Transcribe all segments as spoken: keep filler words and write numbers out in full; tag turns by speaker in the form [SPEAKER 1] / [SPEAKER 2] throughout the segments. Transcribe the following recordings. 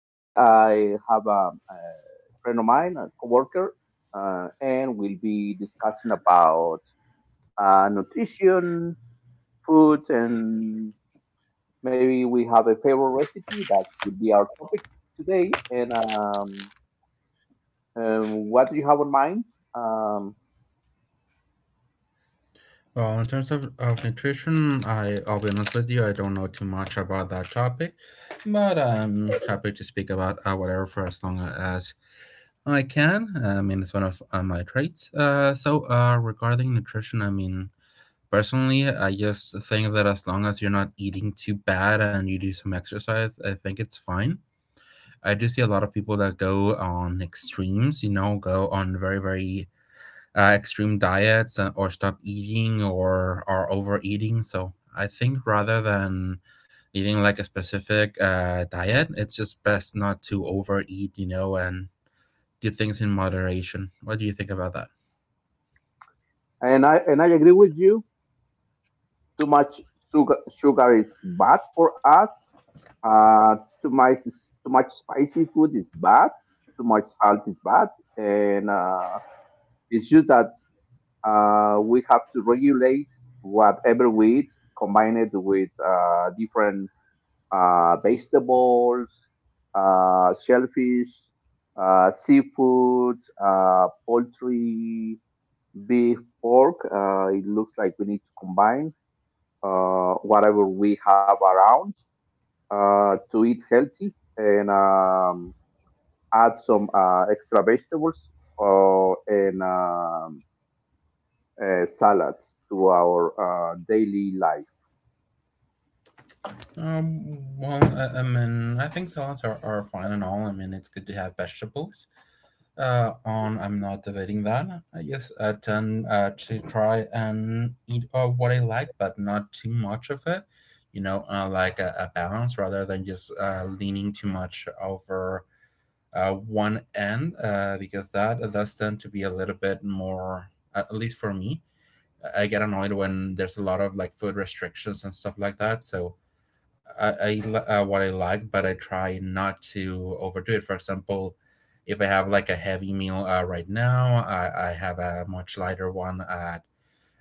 [SPEAKER 1] Today I have a, a friend of mine, a coworker, uh, and we'll be discussing about uh, nutrition, food, and maybe we have a favorite recipe. That will be our topic today. And um, um, What do you have in mind? Um,
[SPEAKER 2] Well, in terms of, of nutrition, I, I'll be honest with you, I don't know too much about that topic, but I'm happy to speak about uh, whatever for as long as I can. I mean, it's one of uh, my traits. Uh, so, uh, regarding nutrition, I mean, personally, I just think that as long as you're not eating too bad and you do some exercise, I think it's fine. I do see a lot of people that go on extremes, you know, go on very, very uh, extreme diets uh, or stop eating or are overeating. So I think rather than eating like a specific uh, diet, it's just best not to overeat, you know, and do things in moderation. What do you think about that?
[SPEAKER 1] and I and I agree with you. Too much sugar sugar is bad for us. Uh, too much too much spicy food is bad. Too much salt is bad, and uh, it's just that uh, we have to regulate whatever we eat, combine it with uh, different uh, vegetables, uh, shellfish, uh, seafood, uh, poultry, beef, pork. Uh, it looks like we need to combine uh, whatever we have around uh, to eat healthy and um, add some uh, extra vegetables or and um, uh, salads to our uh, daily life.
[SPEAKER 2] Um, well, I, I mean, I think salads are, are fine and all. I mean, it's good to have vegetables. Uh, on I'm not debating that. I just uh, tend uh, to try and eat uh, what I like, but not too much of it. You know, uh, like a, a balance rather than just uh, leaning too much over uh, one end, uh, because that does tend to be a little bit more, at least for me. I I get annoyed when there's a lot of like food restrictions and stuff like that. So I, I li- uh, what I like, but I try not to overdo it. For example, if I have like a heavy meal uh, right now, I, I have a much lighter one at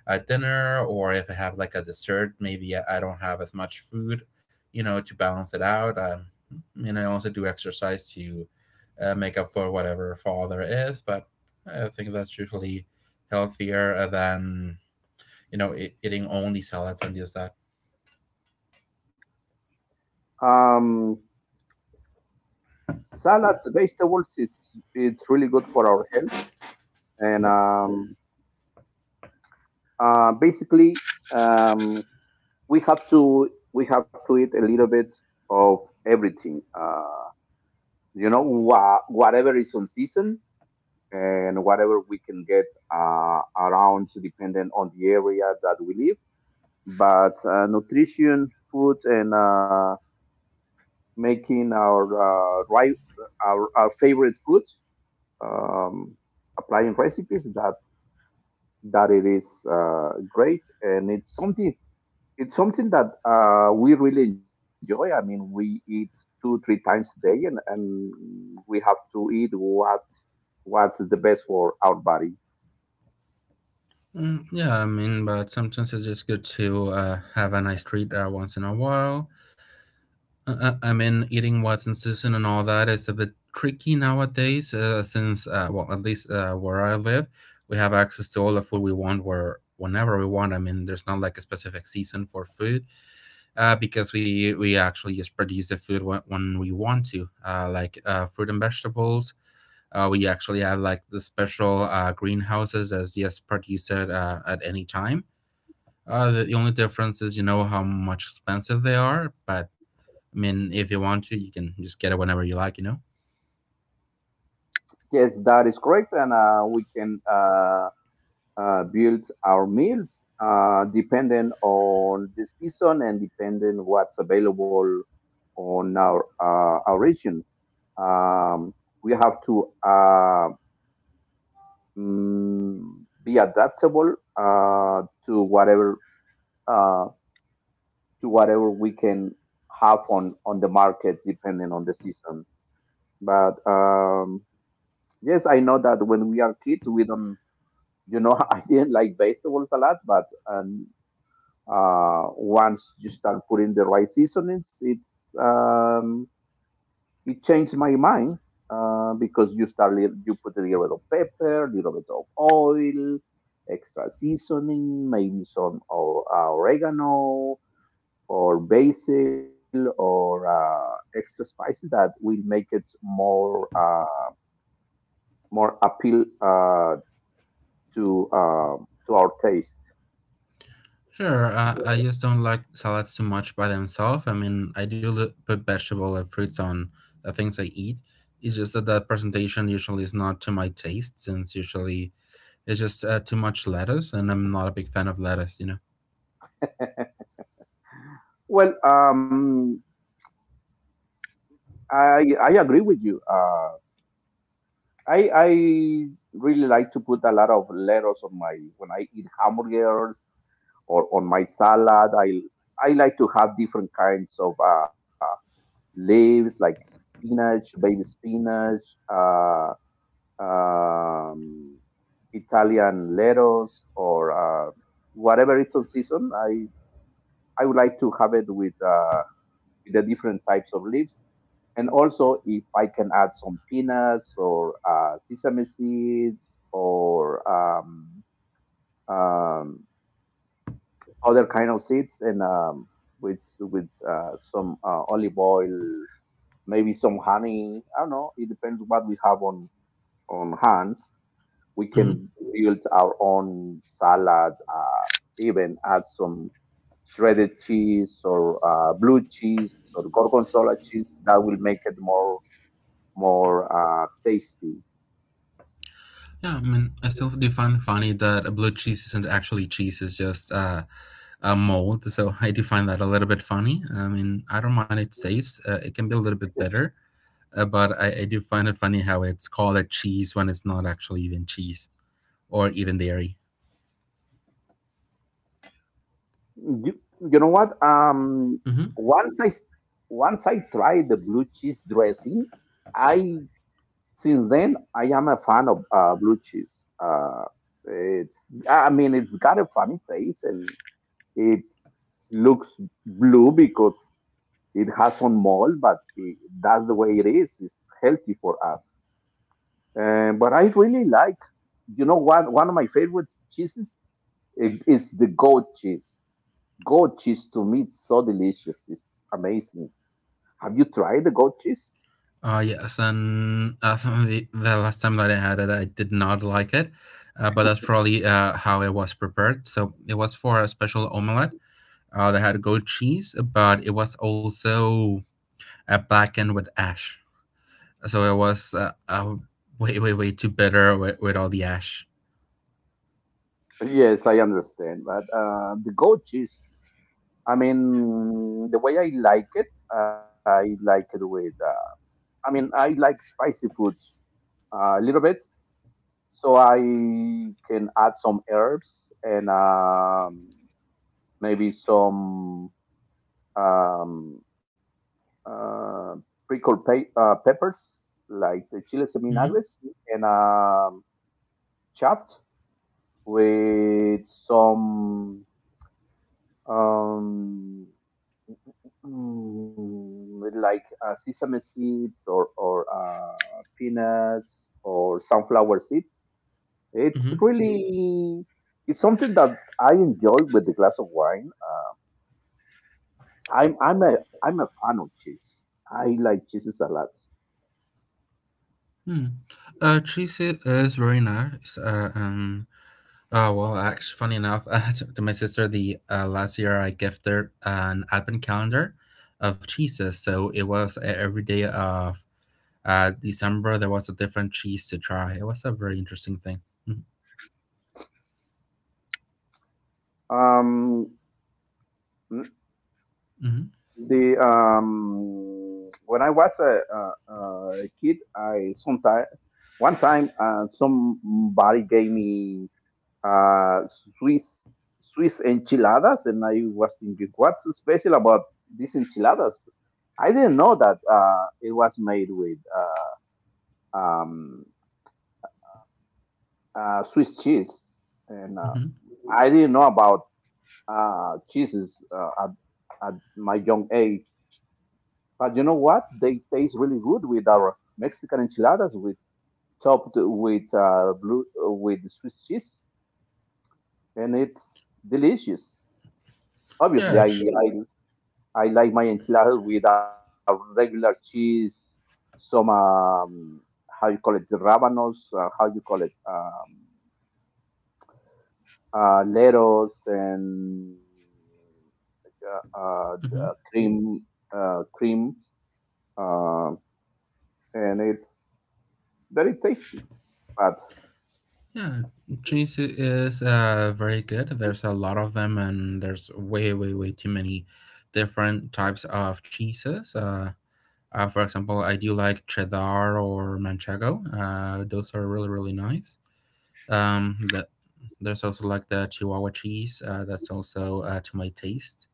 [SPEAKER 2] at dinner, or if I have like a dessert, maybe I I don't have as much food, you know, to balance it out. Um, and I also do exercise to uh, make up for whatever fall there is, but I think that's usually healthier than, you know, e- eating only salads and just that.
[SPEAKER 1] Um, Salads, vegetables is it's really good for our health, and um, uh, basically um, we have to we have to eat a little bit of everything. Uh, you know, wha- whatever is on season and whatever we can get uh, around depending on the area that we live. But uh, nutrition, food, and uh, making our uh, right our, our favorite foods, um, applying recipes that that it is uh, great and it's something it's something that uh, we really enjoy. I mean, we eat two three times a day, and, and we have to eat what what's the best for our body.
[SPEAKER 2] Mm, yeah, I mean, but sometimes it's just good to uh, have a nice treat uh, once in a while. Uh, I I mean, eating what's in season and all that is a bit tricky nowadays, uh, since, uh, well, at least uh, where I live, we have access to all the food we want where whenever we want. I mean, there's not like a specific season for food uh, because we, we actually just produce the food when, when we want to, uh, like uh, fruit and vegetables. Uh, we actually have like the special uh, greenhouses as just produce it uh, at any time, uh, the only difference is you know how much expensive they are, but I mean, if you want to, you can just get it whenever you like, you know?
[SPEAKER 1] Yes, that is correct. And uh, we can uh, uh, build our meals uh, depending on the season and depending what's available on our uh, our region. Um, we have to uh, mm, be adaptable uh, to whatever uh, to whatever we can have on on the market depending on the season. But um, yes, I know that when we are kids, we don't you know, I didn't like vegetables a lot, but um, uh, once you start putting the right seasonings, it's um, it changed my mind uh, because you start li- you put a little bit of pepper, little bit of oil, extra seasoning, maybe some or, uh, oregano or basil or uh, extra spices that will make it more uh, more appeal uh, to uh, to our taste.
[SPEAKER 2] Sure, uh, I just don't like salads too much by themselves. I mean, I do li- put vegetable and fruits on the things I eat. It's just that that presentation usually is not to my taste, since usually it's just uh, too much lettuce, and I'm not a big fan of lettuce, you know?
[SPEAKER 1] Well, um, I I agree with you. Uh, I I really like to put a lot of lettuce on my when I eat hamburgers or on my salad. I I like to have different kinds of uh, leaves like spinach, baby spinach, uh, um, Italian lettuce, or uh, whatever it's on season. I I would like to have it with uh, with the different types of leaves. And also, if I can add some peanuts or uh, sesame seeds or um, um, other kind of seeds, and um, with with uh, some uh, olive oil, maybe some honey. I don't know. It depends what we have on on hand. We
[SPEAKER 2] Hmm.
[SPEAKER 1] can build our own salad. Uh, even add some shredded cheese or uh, blue cheese or gorgonzola cheese. That will make it more more uh, tasty.
[SPEAKER 2] Yeah, I mean, I still do find funny that a blue cheese isn't actually cheese, it's just uh, um, mold. So I do find that a little bit funny. I mean, I don't mind its taste. Uh, it can be a little bit better, uh, but I, I do find it funny how it's called a cheese when it's not actually even cheese or even dairy.
[SPEAKER 1] You, you know what? Um,
[SPEAKER 2] Mm-hmm.
[SPEAKER 1] once I s- Once I tried the blue cheese dressing, I since then I am a fan of uh, blue cheese. Uh, it's I mean it's got a funny taste and it looks blue because it has some mold, but it, that's the way it is. It's healthy for us. Uh, but I really like. You know what? One of my favorite cheeses it is the goat cheese. Goat cheese to me it's so delicious. It's amazing. Have you tried the goat cheese?
[SPEAKER 2] Uh, yes, and uh, the, the last time that I had it, I did not like it, uh, but that's probably uh, how it was prepared. So it was for a special omelette. Uh, they had goat cheese, but it was also a blackened with ash. So it was uh, uh, way, way, way too bitter with, with all the ash.
[SPEAKER 1] Yes, I understand. But uh, the goat cheese, I mean, the way I like it, I like it with, uh, I mean, I like spicy foods uh, a little bit. So I can add some herbs and um, maybe some, um, uh, pickled pa- uh, peppers like the chiles en
[SPEAKER 2] Mm-hmm.
[SPEAKER 1] vinagres and um, chopped with some um, mm, with like uh, sesame seeds or or uh, peanuts or sunflower seeds. It's
[SPEAKER 2] Mm-hmm.
[SPEAKER 1] really it's something that I enjoy with a glass of wine. Uh, I'm I'm a I'm a fan of cheese. I like cheeses a lot.
[SPEAKER 2] Hmm. Uh, cheese i- is very nice. Uh, um, oh, well, actually, funny enough, uh, to, to my sister, the uh, last year I gifted an advent calendar of cheeses. So it was e- every day of uh, December, there was a different cheese to try. It was a very interesting thing.
[SPEAKER 1] Um,
[SPEAKER 2] Mm-hmm.
[SPEAKER 1] The um, When I was a, a, a kid, I sometime one time uh, somebody gave me uh, Swiss Swiss enchiladas, and I was thinking, what's special about these enchiladas? I didn't know that uh, it was made with uh, um, uh, Swiss cheese, and
[SPEAKER 2] Mm-hmm.
[SPEAKER 1] uh, I didn't know about uh, cheeses uh, at, at my young age. But you know what? They taste really good with our Mexican enchiladas, with topped with uh, blue uh, with Swiss cheese, and it's delicious.
[SPEAKER 2] Yeah.
[SPEAKER 1] Obviously, I
[SPEAKER 2] It's...
[SPEAKER 1] I, I like my enchiladas with a regular cheese, some um, how you call it, the rabanos, uh, how you call it, um, uh, leros, and uh, uh,
[SPEAKER 2] Mhm.
[SPEAKER 1] uh, cream, uh, cream, uh, and it's very tasty. But
[SPEAKER 2] Yeah, cheese is uh, very good. There's a lot of them, and there's way, way, way too many different types of cheeses. Uh, uh, for example, I do like cheddar or manchego. Uh, those are really, really nice. Um, that There's also like the Chihuahua cheese. Uh, that's also uh, to my taste,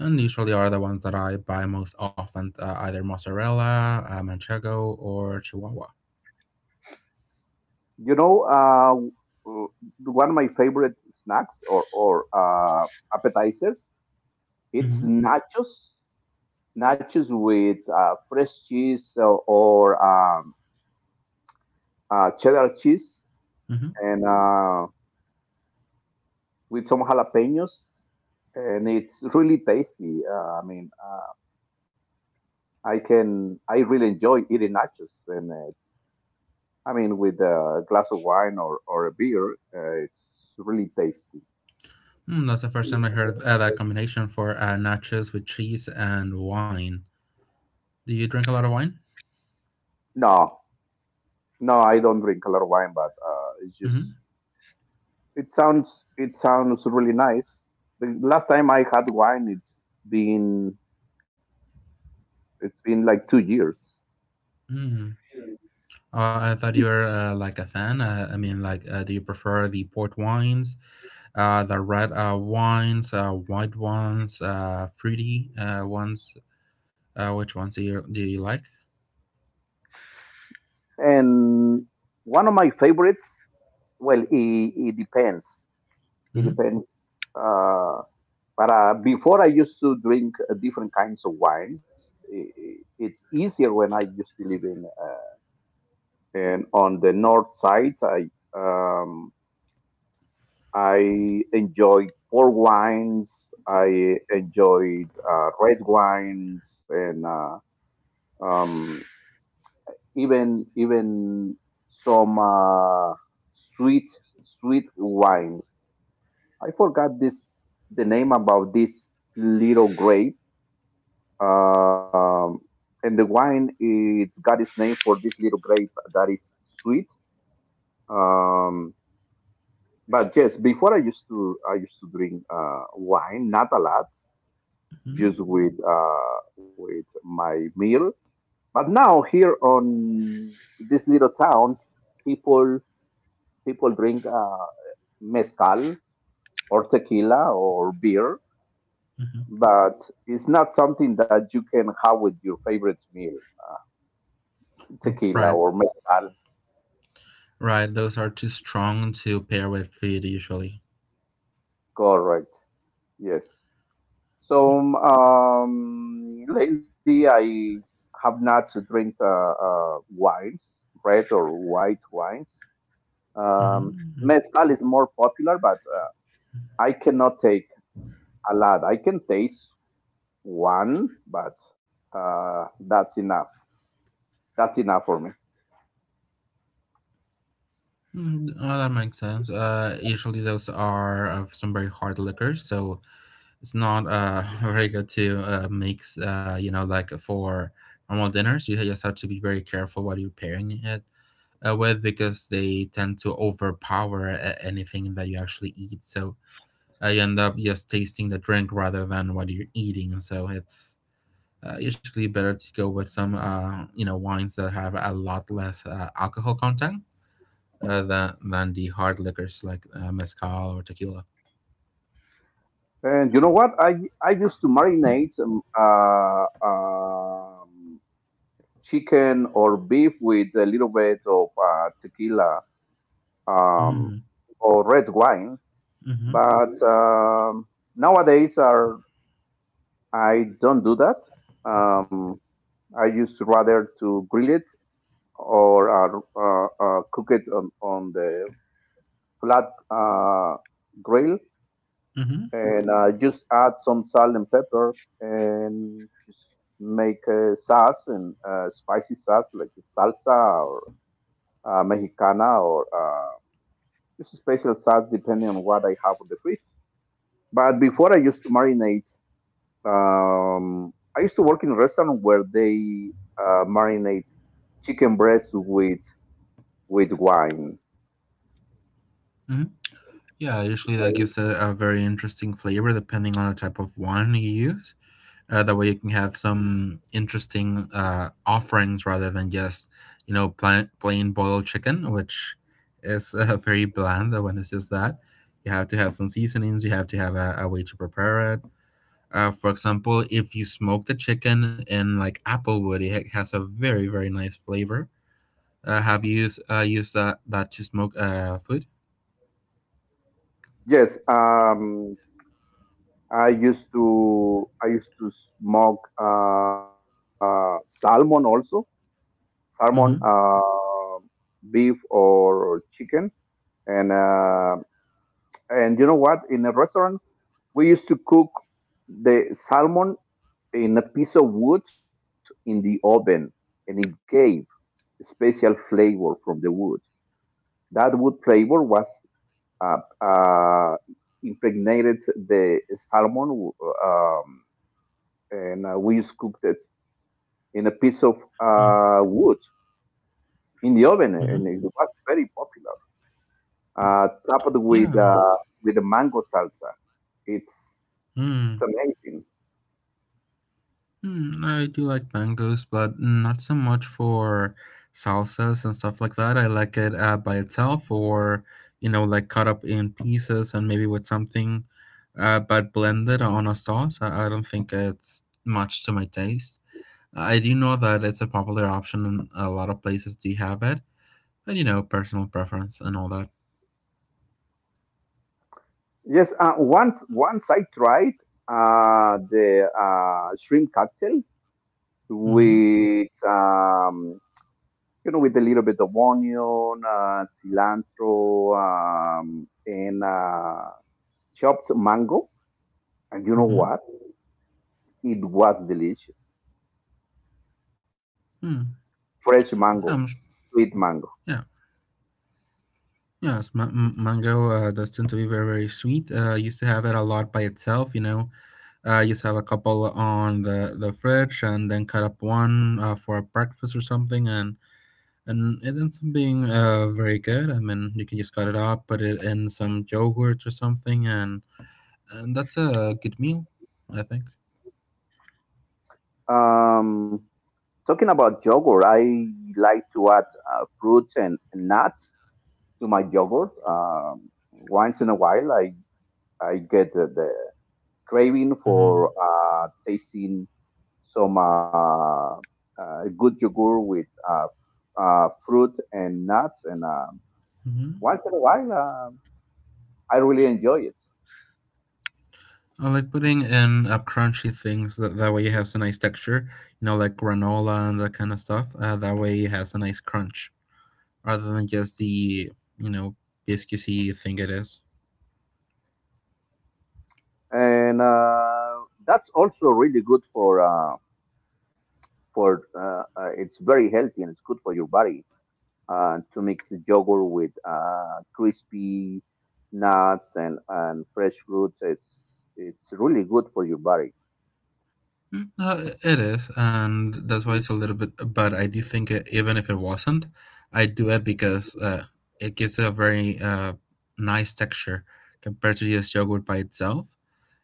[SPEAKER 2] and usually are the ones that I buy most often, uh, either mozzarella, uh, manchego, or Chihuahua.
[SPEAKER 1] you know, uh, uh, one of my favorite snacks or or uh, appetizers, it's
[SPEAKER 2] Hmm.
[SPEAKER 1] nachos, nachos with uh, fresh cheese or, or um, uh, cheddar cheese,
[SPEAKER 2] Hmm.
[SPEAKER 1] and uh, with some jalapenos, and it's really tasty. Uh, I mean, uh, I can, I really enjoy eating nachos, and it's, I mean, with a glass of wine or or a beer, uh, it's really tasty.
[SPEAKER 2] Mm, that's the first time I heard uh, that combination for uh, nachos with cheese and wine. Do you drink a lot of wine?
[SPEAKER 1] No, no, I don't drink a lot of wine, but uh, it's
[SPEAKER 2] Mm-hmm.
[SPEAKER 1] just it sounds it sounds really nice. The last time I had wine, it's been it's been like two years,
[SPEAKER 2] Mm. Uh, I thought you were uh, like a fan. Uh, I mean, like, uh, do you prefer the port wines, uh, the red uh, wines, uh, white ones, uh, fruity uh, ones? Uh, which ones do you do you like?
[SPEAKER 1] and one of my favorites. Well, it, it depends. It
[SPEAKER 2] Mm-hmm.
[SPEAKER 1] depends. Uh, but uh, before I used to drink uh, different kinds of wines. I i- it's easier when I used to live in uh, and on the north side. I um, I enjoyed port wines. I enjoyed uh, red wines and uh, um, even even some uh, sweet sweet wines. I forgot this the name about this little grape. Um, and the wine it's got its name for this little grape that is sweet. Um, but yes, before I used to I used to drink uh, wine, not a lot.
[SPEAKER 2] Mm-hmm.
[SPEAKER 1] Just with uh, with my meal. But now here on this little town, people people drink uh, mezcal or tequila or beer,
[SPEAKER 2] Mm-hmm.
[SPEAKER 1] but it's not something that you can have with your favorite meal, tequila
[SPEAKER 2] Right,
[SPEAKER 1] or mezcal.
[SPEAKER 2] right. Those are too strong to pair with food usually.
[SPEAKER 1] Correct. Yes. So um, lately I have not to drink uh, uh, wines, red or white wines. Um,
[SPEAKER 2] Mm-hmm.
[SPEAKER 1] Mezcal is more popular, but uh, I cannot take a lot. I can taste one, but uh, that's enough. That's enough for me.
[SPEAKER 2] Mm, uh, that makes sense. Uh, usually those are of some very hard liquors, so it's not uh very good to uh mix. Uh, you know, like for normal dinners, you just have to be very careful what you're pairing it uh, with because they tend to overpower uh, anything that you actually eat. So uh, you end up just tasting the drink rather than what you're eating. So it's uh, usually better to go with some uh, you know, wines that have a lot less uh, alcohol content uh, than than the hard liquors like uh, mezcal or tequila.
[SPEAKER 1] And you know what? I I used to marinate um, uh, um, chicken or beef with a little bit of uh, tequila um,
[SPEAKER 2] Mm-hmm.
[SPEAKER 1] or red wine,
[SPEAKER 2] Mm-hmm.
[SPEAKER 1] but um, nowadays are I don't do that. Um, I used to rather to grill it or are uh, uh, cooked on, on the flat uh, grill
[SPEAKER 2] Mm-hmm.
[SPEAKER 1] and uh, just add some salt and pepper and just make a sauce and uh, spicy sauce like salsa or uh, mexicana or uh, just special sauce depending on what I have on the fridge. But before I used to marinate, um, I used to work in a restaurant where they uh, marinate chicken breast with with wine.
[SPEAKER 2] Mm-hmm. Yeah, usually that gives a, a very interesting flavor depending on the type of wine you use. Uh, that way you can have some interesting uh, offerings rather than just, you know, plain, plain boiled chicken, which is uh, very bland when it's just that. You have to have some seasonings, you have to have a, a way to prepare it. Uh, for example, if you smoke the chicken in like apple wood, it ha- has a very, very nice flavor uh, have used uh, used that that to smoke uh, food.
[SPEAKER 1] Yes, um, I used to I used to smoke uh, salmon also, salmon,
[SPEAKER 2] Mm-hmm.
[SPEAKER 1] uh, beef or chicken, and uh, and you know what? In a restaurant, we used to cook the salmon in a piece of wood in the oven, and it gave special flavor from the wood. That wood flavor was uh, uh, impregnated the salmon. Um, and uh, we used to cook that in a piece of uh, wood in the oven, and
[SPEAKER 2] Mm-hmm.
[SPEAKER 1] it was very popular. Uh, topped with
[SPEAKER 2] Yeah.
[SPEAKER 1] uh, with a mango salsa. It's it's
[SPEAKER 2] Mm.
[SPEAKER 1] amazing.
[SPEAKER 2] Mm, I do like mangoes, but not so much for salsas and stuff like that. I like it uh, by itself, or you know, like cut up in pieces and maybe with something, uh, but blended on a sauce. I, I don't think it's much to my taste. I do know that it's a popular option, and a lot of places do have it. But you know, personal preference and all that.
[SPEAKER 1] Yes, uh, once once I tried uh, the uh, shrimp cocktail
[SPEAKER 2] Mm-hmm.
[SPEAKER 1] with um, you know with a little bit of onion, uh, cilantro, um, and uh, chopped mango. And you know
[SPEAKER 2] Mm-hmm.
[SPEAKER 1] what? It was delicious. Fresh
[SPEAKER 2] Um, sh-
[SPEAKER 1] mango, sweet mango.
[SPEAKER 2] yeah, yes, ma- m- mango uh, does tend to be very, very sweet. Uh, I used to have it a lot by itself, you know. Uh, I used to have a couple on the, the fridge and then cut up one uh, for breakfast or something, and and it ends up being uh, very good. I mean, you can just cut it up, put it in some yogurt or something, and, and that's a good meal, I think.
[SPEAKER 1] Um, Talking about yogurt, I like to add uh, fruits and nuts to my yogurt. Um, once in a while, I I get the, the craving
[SPEAKER 2] Mm-hmm.
[SPEAKER 1] for uh, tasting some uh, uh, good yogurt with uh, uh, fruits and nuts, and um
[SPEAKER 2] Mm-hmm.
[SPEAKER 1] once in a while, um I really enjoy it.
[SPEAKER 2] I like putting in uh, crunchy things that that way it has a nice texture, you know, like granola and that kind of stuff. Uh, that way it has a nice crunch rather than just the, you know, biscuity thing it is.
[SPEAKER 1] And uh, that's also really good for. Um, for uh, uh, it's very healthy and it's good for your body uh, to mix yogurt with uh, crispy nuts and, and fresh fruits. It's it's really good for your body.
[SPEAKER 2] Mm, uh, it is, and that's why it's a little bit. But I do think it, even if it wasn't, I do it because uh, it gives it a very uh, nice texture compared to just yogurt by itself.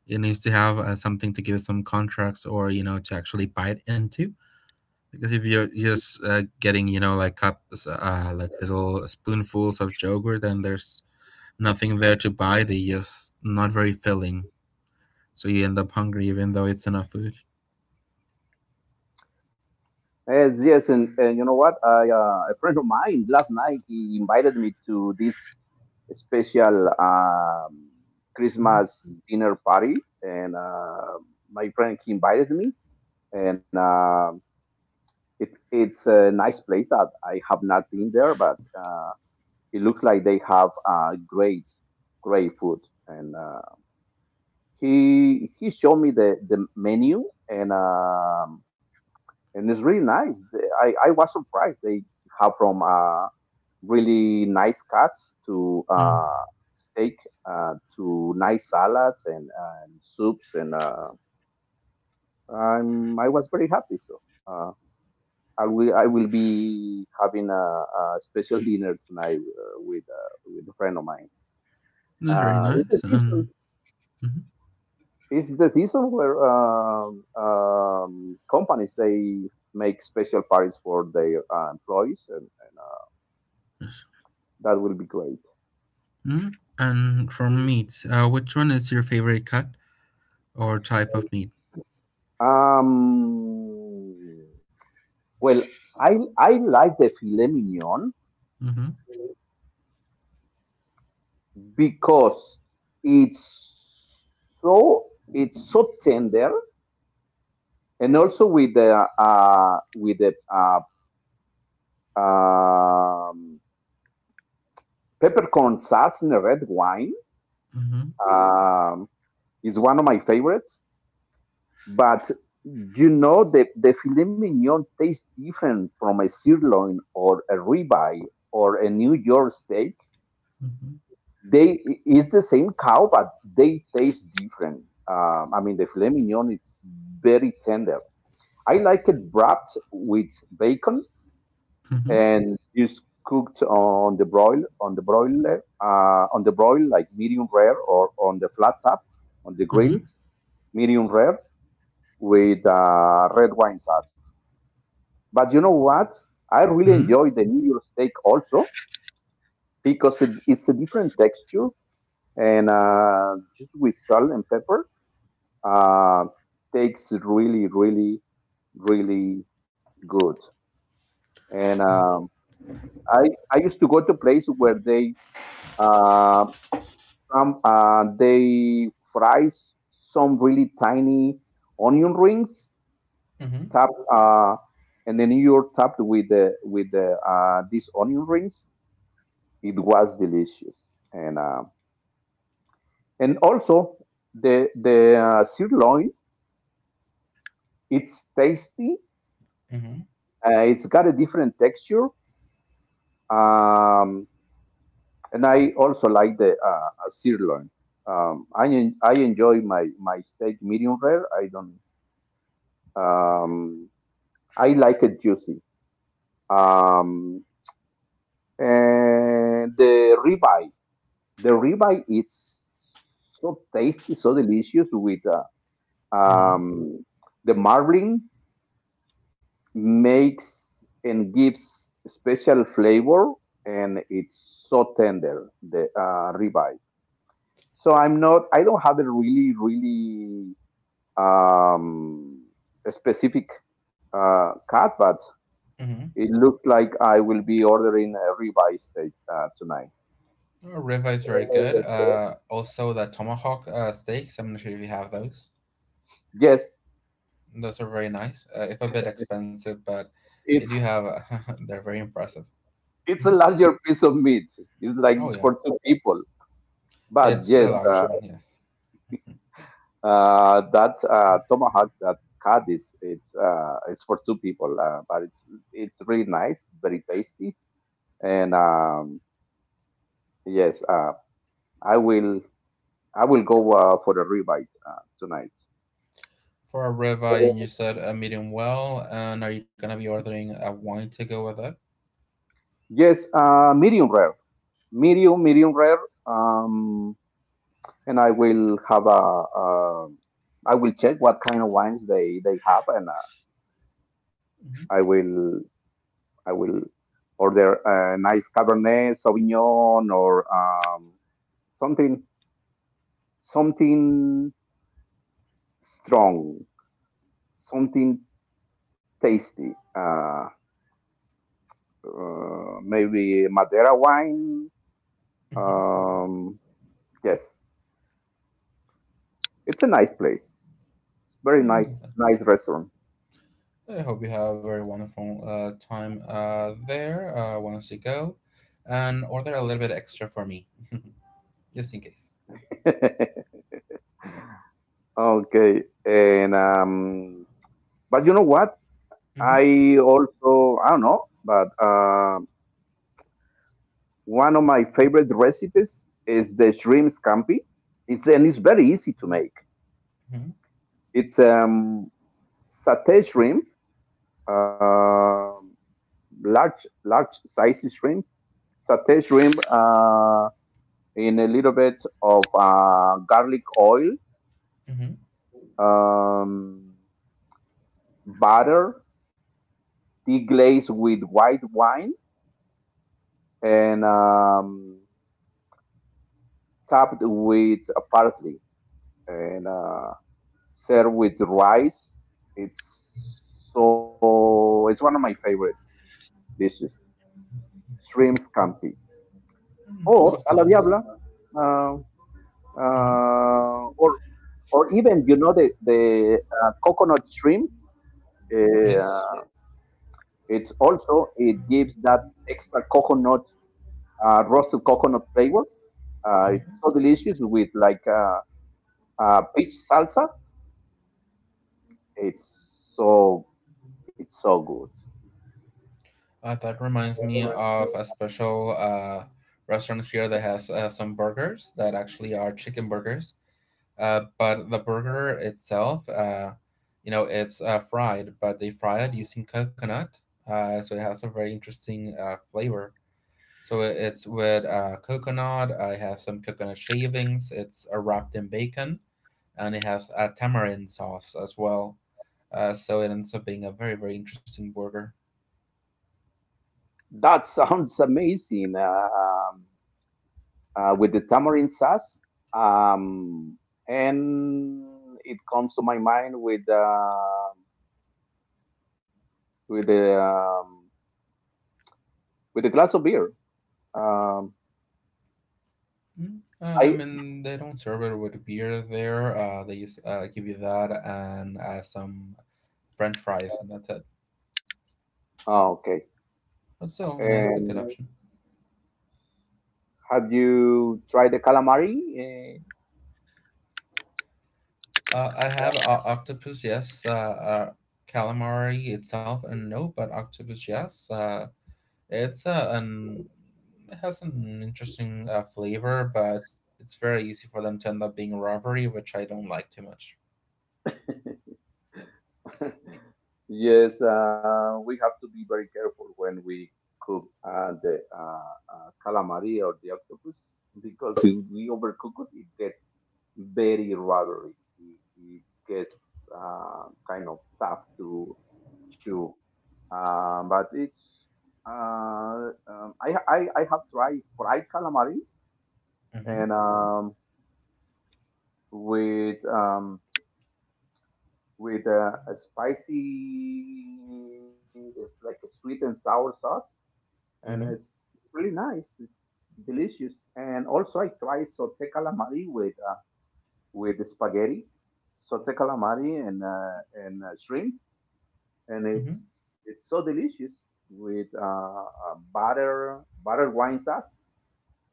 [SPEAKER 2] It needs to have uh, something to give it some contrast, or you know, to actually bite into. Because if you're just uh, getting, you know, like cups, uh, like little spoonfuls of yogurt, then there's nothing there to buy. They just not very filling, so you end up hungry even though it's enough food.
[SPEAKER 1] Yes, yes, and, and you know what? I uh, a friend of mine last night he invited me to this special um,
[SPEAKER 2] Mm,
[SPEAKER 1] Christmas dinner party, and uh, my friend he invited me, and um It, it's a nice place that I have not been there, but uh, it looks like they have uh, great, great food. And uh, he he showed me the, the menu, and um, and it's really nice. The- I, I was surprised they have from uh, really nice cuts to
[SPEAKER 2] mm.
[SPEAKER 1] uh, steak, uh, to nice salads, and, uh, and soups, and uh, I'm, I was very happy. So. uh, I will I will be having a, a special dinner tonight uh, with uh, with a friend of mine.
[SPEAKER 2] That's very
[SPEAKER 1] Uh, it's the
[SPEAKER 2] nice.
[SPEAKER 1] season.
[SPEAKER 2] And mhm,
[SPEAKER 1] It's the season where um, um, companies they make special parties for their uh, employees, and, and uh,
[SPEAKER 2] yes.
[SPEAKER 1] that will be great.
[SPEAKER 2] Mm. And from meat, uh, which one is your favorite cut or type of meat?
[SPEAKER 1] Um, well, I I like the filet mignon
[SPEAKER 2] Mm-hmm,
[SPEAKER 1] because it's so it's so tender, and also with the uh, with the uh, um, peppercorn sauce in the red wine,
[SPEAKER 2] mm-hmm,
[SPEAKER 1] um, is one of my favorites. But you know, the the filet mignon tastes different from a sirloin or a ribeye or a New York steak.
[SPEAKER 2] mm-hmm,
[SPEAKER 1] They It's the same cow, but they taste different. Um, I mean, the filet mignon, it's very tender. I like it wrapped with bacon
[SPEAKER 2] mm-hmm,
[SPEAKER 1] and just cooked on the broil on the broiler, uh, on the broil like medium rare, or on the flat top on the grill,
[SPEAKER 2] mm-hmm,
[SPEAKER 1] medium rare with uh, red wine sauce. But you know what? I really
[SPEAKER 2] mm-hmm,
[SPEAKER 1] enjoy the New York steak also, because it, it's a different texture, and uh, just with salt and pepper, uh, tastes really really really good. And um, I I used to go to places where they uh, Some uh, they fries some really tiny onion rings, topped uh, and then you're topped with the with the uh, these onion rings. It was delicious, and uh, and also the the uh, sirloin. It's tasty.
[SPEAKER 2] mm-hmm,
[SPEAKER 1] Uh, it's got a different texture, um, and I also like the uh, uh, sirloin. Um, I en- I enjoy my my steak medium rare. I don't. Um, I like it juicy. Um, and the ribeye, the ribeye is so tasty, so delicious with uh,
[SPEAKER 2] mm-hmm.
[SPEAKER 1] um, the marbling, makes and gives special flavor, and it's so tender, the uh, ribeye. So I'm not, I don't have a really, really um, specific uh, cut, but
[SPEAKER 2] Mm-hmm.
[SPEAKER 1] it looks like I will be ordering a ribeye steak uh, tonight.
[SPEAKER 2] Oh, ribeye is very good. Uh, also, the tomahawk uh, steaks. I'm not sure if you have those.
[SPEAKER 1] Yes,
[SPEAKER 2] Those are very nice. Uh, if a bit expensive, but they
[SPEAKER 1] it's
[SPEAKER 2] do have. A, they're very impressive.
[SPEAKER 1] it's
[SPEAKER 2] Hmm.
[SPEAKER 1] a larger piece of meat. It's like
[SPEAKER 2] Oh
[SPEAKER 1] it's
[SPEAKER 2] yeah,
[SPEAKER 1] for two people. But
[SPEAKER 2] it's a
[SPEAKER 1] yes,
[SPEAKER 2] large
[SPEAKER 1] uh,
[SPEAKER 2] one. Yes,
[SPEAKER 1] uh, that uh, tomahawk that cut, it's it's uh, it's for two people. Uh, but it's it's really nice. It's very tasty. And um, yes, uh, I will I will go uh, for the ribeye uh, tonight.
[SPEAKER 2] for a ribeye, and you said a medium well. And are you gonna be ordering a wine to go with it?
[SPEAKER 1] Yes, uh, medium rare, medium medium rare. Um, and I will have a. Uh, I will check what kind of wines they they have, and uh, I will I will order a nice Cabernet Sauvignon, or um, something something strong, something tasty. Uh, uh, maybe Madeira wine.
[SPEAKER 2] Hmm.
[SPEAKER 1] Um, yes, it's a nice place. It's very nice,
[SPEAKER 2] Hmm.
[SPEAKER 1] nice restaurant.
[SPEAKER 2] I hope you have a very wonderful uh, time uh, there uh, once you go, and order a little bit extra for me, just in case.
[SPEAKER 1] Okay, and um, But you know what?
[SPEAKER 2] Mm-hmm.
[SPEAKER 1] I also, I don't know, but uh, one of my favorite recipes is the shrimp scampi. It's and it's very easy to make.
[SPEAKER 2] Mm-hmm.
[SPEAKER 1] It's um, Satay shrimp, uh, large large sizes shrimp, satay shrimp uh, in a little bit of uh, garlic oil, um, butter, deglazed with white wine, and um, topped with a parsley and uh, served with rice. It's so it's one of my favorite dishes. Shrimp scampi
[SPEAKER 2] Mm-hmm.
[SPEAKER 1] or
[SPEAKER 2] Sounds
[SPEAKER 1] a la
[SPEAKER 2] nice.
[SPEAKER 1] diabla, uh,
[SPEAKER 2] Mm-hmm.
[SPEAKER 1] uh, or or even, you know, the the uh, coconut shrimp.
[SPEAKER 2] Yes.
[SPEAKER 1] Uh, it's also, it gives that extra coconut, uh, roasted coconut flavor. Uh, it's
[SPEAKER 2] Mm-hmm.
[SPEAKER 1] so delicious with like uh, uh, peach salsa. It's so It's so good.
[SPEAKER 2] Uh, that reminds me of a special uh, restaurant here that has uh, some burgers that actually are chicken burgers. Uh, but the burger itself, uh, you know, it's uh, fried, but they fry it using coconut. Uh, so it has a very interesting uh, flavor. So it- it's with uh, coconut. I have some coconut shavings. It's uh, wrapped in bacon, and it has a tamarind sauce as well. Uh, so it ends up being a very very interesting burger.
[SPEAKER 1] That sounds amazing. Uh, um, uh, with the tamarind sauce. Um, and it comes to my mind with uh, with the um, with a glass of beer. Um,
[SPEAKER 2] Mm. Uh, I
[SPEAKER 1] I
[SPEAKER 2] mean, they don't serve it with beer there. Uh, they just uh, give you that and uh, some French fries, and that's it.
[SPEAKER 1] Oh, okay.
[SPEAKER 2] But still, uh, it's a good
[SPEAKER 1] And
[SPEAKER 2] option.
[SPEAKER 1] have you tried the calamari?
[SPEAKER 2] Uh, I have uh, octopus, yes. Uh, uh, Calamari itself, and no, but octopus, yes. Uh, It's a an it has an interesting uh, flavor, but it's very easy for them to end up being a robbery, which I don't like too much.
[SPEAKER 1] Eh, Yes, uh, we have to be very careful when we cook uh, the uh, uh, calamari or the octopus, because if we overcook it, it gets very rubbery. It, it gets uh, kind of tough to chew. Uh, but it's uh, um, I, I I have tried fried calamari,
[SPEAKER 2] Mm-hmm.
[SPEAKER 1] and um, with um, with uh, a spicy, it's like a sweet and sour sauce, and
[SPEAKER 2] Mm-hmm.
[SPEAKER 1] it's really nice. It's delicious. And also, I try sote calamari with uh, with spaghetti, sote calamari and uh, and uh, shrimp, and
[SPEAKER 2] Mm-hmm.
[SPEAKER 1] it's it's so delicious with uh, uh, butter butter wine sauce.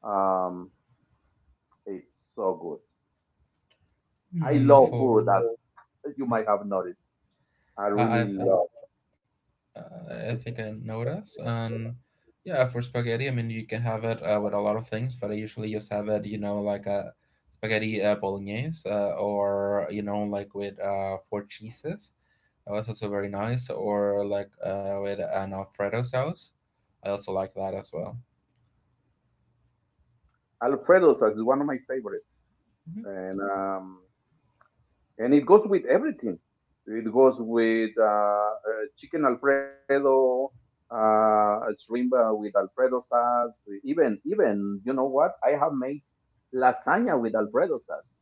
[SPEAKER 1] Um, it's so good. I
[SPEAKER 2] Mm,
[SPEAKER 1] love
[SPEAKER 2] for
[SPEAKER 1] food, as you might have noticed. I
[SPEAKER 2] I I
[SPEAKER 1] really
[SPEAKER 2] think
[SPEAKER 1] love
[SPEAKER 2] uh, I think I know. And yeah, for spaghetti, I mean you can have it uh, with a lot of things, but I usually just have it, you know, like a spaghetti uh, bolognese, uh, or you know, like with uh, four cheeses. That was also very nice, or like uh, with an Alfredo sauce. I also like that as well.
[SPEAKER 1] Alfredo's, is one of my favorites,
[SPEAKER 2] Mhm.
[SPEAKER 1] and um, and it goes with everything. It goes with uh, uh, chicken Alfredo, uh, shrimp uh, with Alfredo sauce. Even even, you know what? I have made lasagna with Alfredo sauce.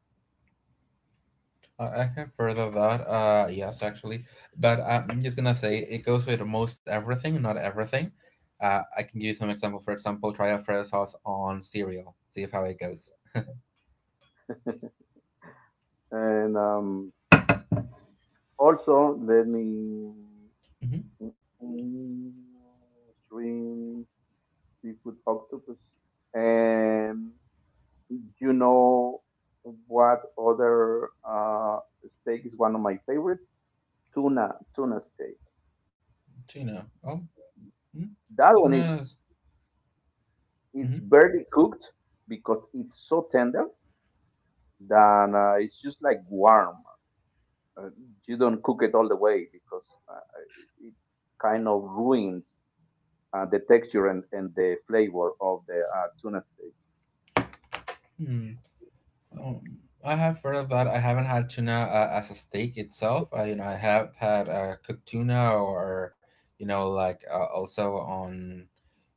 [SPEAKER 2] I I have heard of that. Uh, yes, actually, but I'm just gonna say it goes with most everything, not everything. Uh, I can give you some example. For example, try Alfredo sauce on cereal. See if how it goes.
[SPEAKER 1] And um, also, let me,
[SPEAKER 2] Hmm.
[SPEAKER 1] mm, shrimp, seafood, octopus, and you know what other uh, steak is one of my favorites? Tuna, tuna steak.
[SPEAKER 2] Tuna. Oh, mm,
[SPEAKER 1] That one is,
[SPEAKER 2] tuna.
[SPEAKER 1] it's barely cooked because it's so tender that uh, it's just like warm. Uh, you don't cook it all the way, because uh, it kind of ruins uh, the texture and, and the flavor of the uh, tuna steak.
[SPEAKER 2] Hmm. Um, I have heard of that. I haven't had tuna uh, as a steak itself. I, you know, I have had uh, cooked tuna or you know, like uh, also on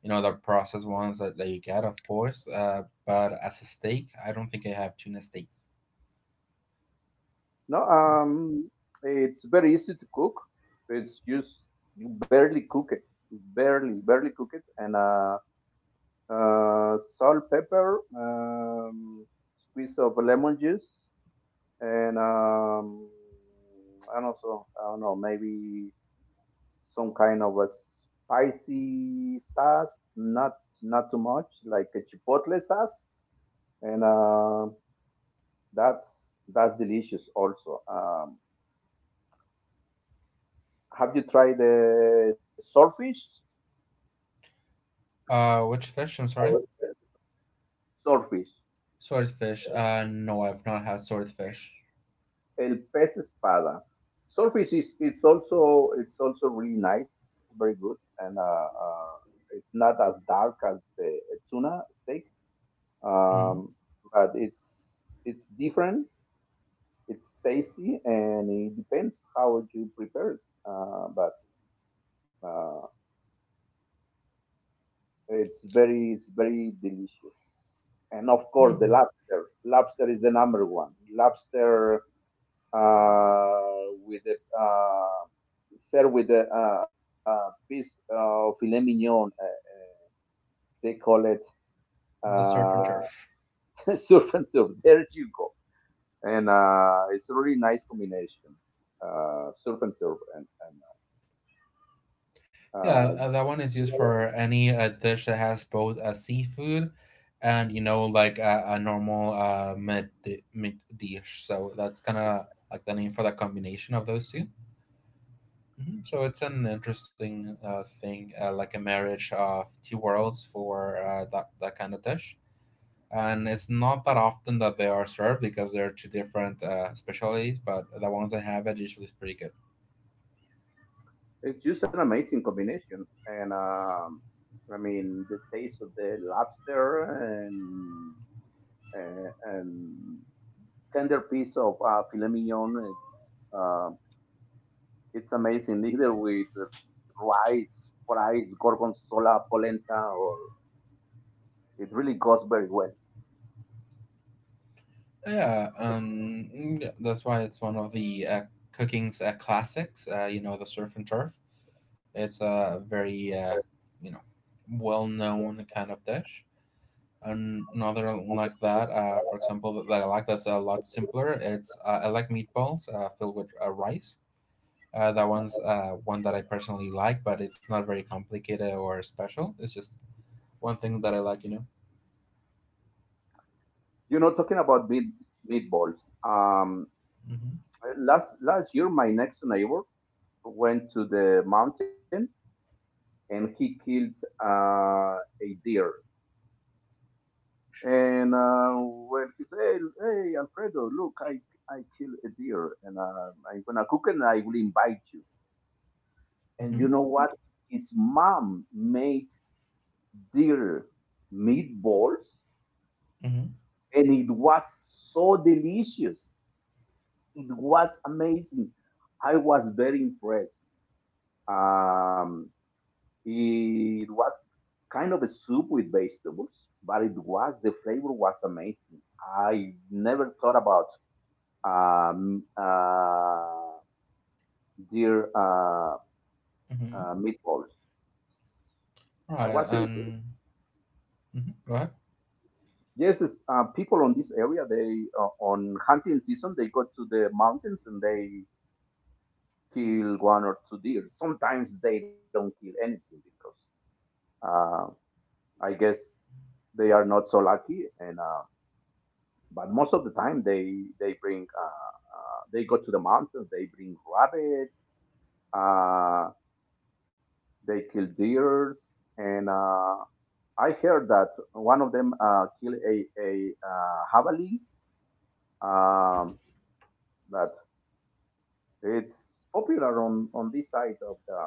[SPEAKER 2] you know the processed ones that, that you get, of course. Uh, but as a steak, I don't think I have tuna steak.
[SPEAKER 1] No, um, it's very easy to cook. It's just, you barely cook it, barely, barely cook it, and uh, uh, salt, pepper, um, squeeze of lemon juice, and um, and also, I don't know, maybe some kind of a spicy sauce, not not too much, like a chipotle sauce, and uh, that's that's delicious also. Um, Have you tried the swordfish?
[SPEAKER 2] Uh, which fish? I'm sorry,
[SPEAKER 1] Swordfish,
[SPEAKER 2] swordfish. Uh, no, I've not had swordfish.
[SPEAKER 1] el pez espada. Swordfish is, is also, it's also really nice, very good, and uh, uh, it's not as dark as the tuna steak,
[SPEAKER 2] Mm-hmm.
[SPEAKER 1] um, but it's it's different. It's tasty, and it depends how you prepare it. Uh, but uh, It's very, it's very delicious. And of course, the
[SPEAKER 2] Mm-hmm.
[SPEAKER 1] lobster. Lobster is the number one. Lobster uh, with a, uh, served with a, a, a piece of filet mignon. Uh, uh, they call it
[SPEAKER 2] The surf and
[SPEAKER 1] uh,
[SPEAKER 2] turf.
[SPEAKER 1] surf and turf. There you go. And uh, it's a really nice combination. Uh, surf and turf and,
[SPEAKER 2] Yeah,
[SPEAKER 1] and
[SPEAKER 2] uh, that one is used
[SPEAKER 1] uh,
[SPEAKER 2] for any uh, dish that has both uh, seafood and you know like uh, a normal uh, meat di- meat dish. So that's kind of like the name for the combination of those two. Hmm. So it's an interesting uh, thing, uh, like a marriage of two worlds for uh, that that kind of dish. And it's not that often that they are served because they're two different uh, specialties, but the ones that have it usually is pretty good.
[SPEAKER 1] it's just an amazing combination, and um, I mean, the taste of the lobster and and, and tender piece of uh, filet mignon. It's uh, it's amazing, either with rice, fries, gorgonzola, polenta, or it really goes very well.
[SPEAKER 2] Yeah, um, mm, that's why it's one of the uh, cooking's uh, classics. Uh, you know, the surf and turf. It's a very uh, you know well-known kind of dish. An- Another like that, uh, for example, that that I like that's a lot simpler. It's uh, I like meatballs uh, filled with uh, rice. Uh, that one's uh, one that I personally like, but it's not very complicated or special. It's just one thing that I like, you know.
[SPEAKER 1] You know, talking about meat meatballs. Um,
[SPEAKER 2] Mm-hmm.
[SPEAKER 1] Last last year, my next neighbor went to the mountain and he killed uh, a deer. And uh, when he said, "Hey, Alfredo, look, I I killed a deer, and uh, I'm gonna cook it, and I will invite you." And you
[SPEAKER 2] Mm-hmm.
[SPEAKER 1] know what? His mom made deer meatballs,
[SPEAKER 2] Mm-hmm.
[SPEAKER 1] and it was so delicious. It was amazing. I was very impressed. Um, It was kind of a soup with vegetables, but it was, the flavor was amazing. I never thought about um, uh, deer uh,
[SPEAKER 2] Mm-hmm.
[SPEAKER 1] uh, meatballs. I
[SPEAKER 2] Right.
[SPEAKER 1] was really curious.
[SPEAKER 2] And mm-hmm. Go ahead.
[SPEAKER 1] Yes, it's, uh, people on this area, they uh, on hunting season, they go to the mountains and they kill one or two deer. Sometimes they don't kill anything because uh, I guess they are not so lucky and. Uh, But most of the time, they they bring uh, uh, they go to the mountains. They bring rabbits. Uh, they kill deers, and uh, I heard that one of them uh, killed a a uh, javali. Um, that It's popular on on this side of the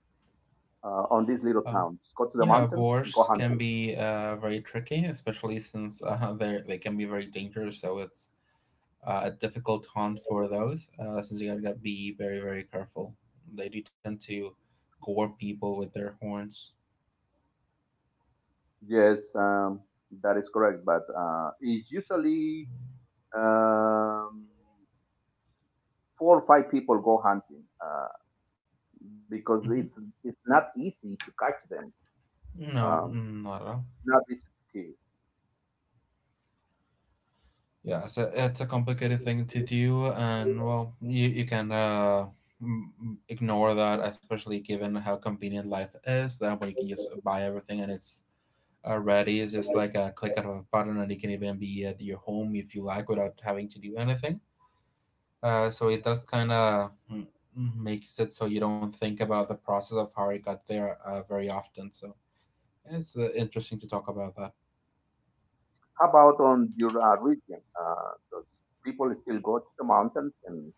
[SPEAKER 1] uh, on these little towns. Go to the
[SPEAKER 2] Um,
[SPEAKER 1] mountains,
[SPEAKER 2] yeah,
[SPEAKER 1] go hunting.
[SPEAKER 2] boars can be uh, very tricky, especially since uh, they they can be very dangerous. So it's uh, a difficult hunt for those, uh, since you gotta gotta be very very careful. They do tend to gore people with their horns.
[SPEAKER 1] Yes, um, that is correct. But uh, it's usually, um, four or five people go hunting uh, because it's
[SPEAKER 2] Hmm.
[SPEAKER 1] it's not easy to catch them.
[SPEAKER 2] No,
[SPEAKER 1] Um,
[SPEAKER 2] mm, not at all.
[SPEAKER 1] Not easy to kill.
[SPEAKER 2] Yeah, so it's a complicated thing to do, and well, you you can uh, m- ignore that, especially given how convenient life is. That way, you can just buy everything, and it's already. It's just
[SPEAKER 1] Like,
[SPEAKER 2] like a click of a button, and it can even be at your home if you like, without having to do anything. Uh, so it does kind of makes it so you don't think about the process of how it got there uh, very often. So yeah, it's uh, interesting to talk about that.
[SPEAKER 1] how about on your uh, region? Uh, does people still go to the mountains and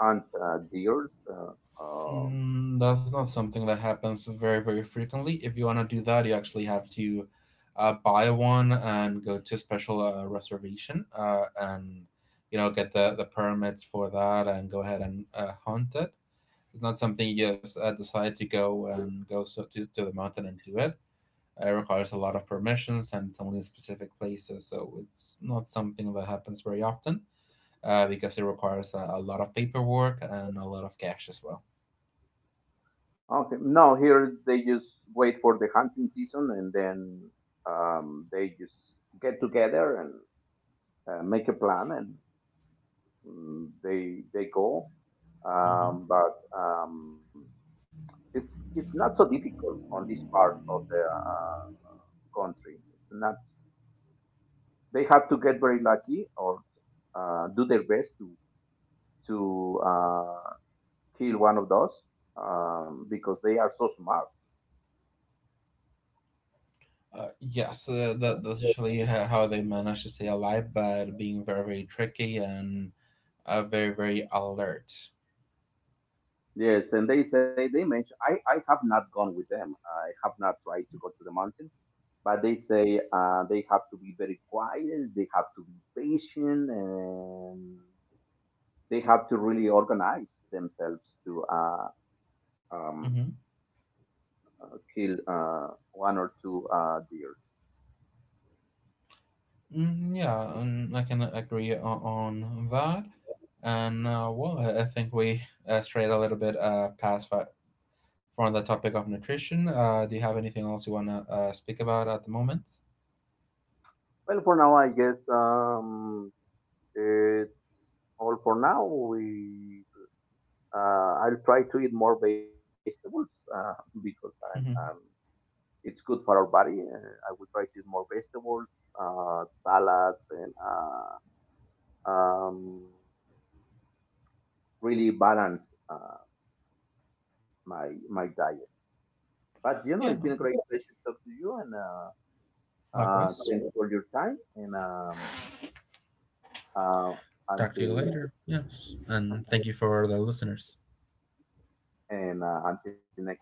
[SPEAKER 1] hunt uh, deers? Uh, um,
[SPEAKER 2] Mm, that's not something that happens very very frequently. If you want to do that, you actually have to uh, buy one and go to special uh, reservation uh, and you know get the the permits for that and go ahead and uh, hunt it. It's not something you just uh, decide to go and go so to, to the mountain and do it. It requires a lot of permissions and it's only in specific places, so it's not something that happens very often uh, because it requires a, a lot of paperwork and a lot of cash as well.
[SPEAKER 1] okay, no, here they just wait for the hunting season, and then um, they just get together and uh, make a plan and, mm, they they go.
[SPEAKER 2] Hmm.
[SPEAKER 1] Um, but um, it's it's not so difficult on this part of the uh, country. It's not. They have to get very lucky, or uh, do their best to to uh, kill one of those, um, because they are so smart.
[SPEAKER 2] Uh, yes, uh, that, that's usually ho- how they manage to stay alive, but being very, very tricky and uh, very, very alert.
[SPEAKER 1] Yes, and they say, they mention, I, I have not gone with them. I have not tried to go to the mountain, but they say uh, they have to be very quiet, they have to be patient, and they have to really organize themselves to uh, um,
[SPEAKER 2] Mm-hmm.
[SPEAKER 1] kill uh, one or two uh, deers.
[SPEAKER 2] Mm, yeah, and I can agree o- on that. And uh, well, I I think we uh, strayed a little bit uh, past that from the topic of nutrition. Uh, do you have anything else you want to uh, speak about at the moment?
[SPEAKER 1] Well, for now, I guess, um, it's all for now. We uh, I'll try to eat more vegetables uh, because I'm, um, it's good for our body. Uh, I will try to eat more vegetables, uh, salads, and uh, um, really balance uh, my my diet. But you know,
[SPEAKER 2] Yeah,
[SPEAKER 1] it's been a great pleasure to talk to you, and uh, uh,
[SPEAKER 2] likewise.
[SPEAKER 1] thanks for your time. And um, uh,
[SPEAKER 2] Talk to you
[SPEAKER 1] until
[SPEAKER 2] later. Yes. And thank you for the listeners.
[SPEAKER 1] and uh, until next time,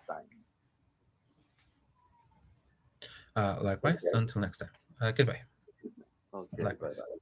[SPEAKER 2] Uh,
[SPEAKER 1] take care.
[SPEAKER 2] likewise. Until next time. Uh, goodbye.
[SPEAKER 1] Okay, bye
[SPEAKER 2] Likewise.
[SPEAKER 1] bye.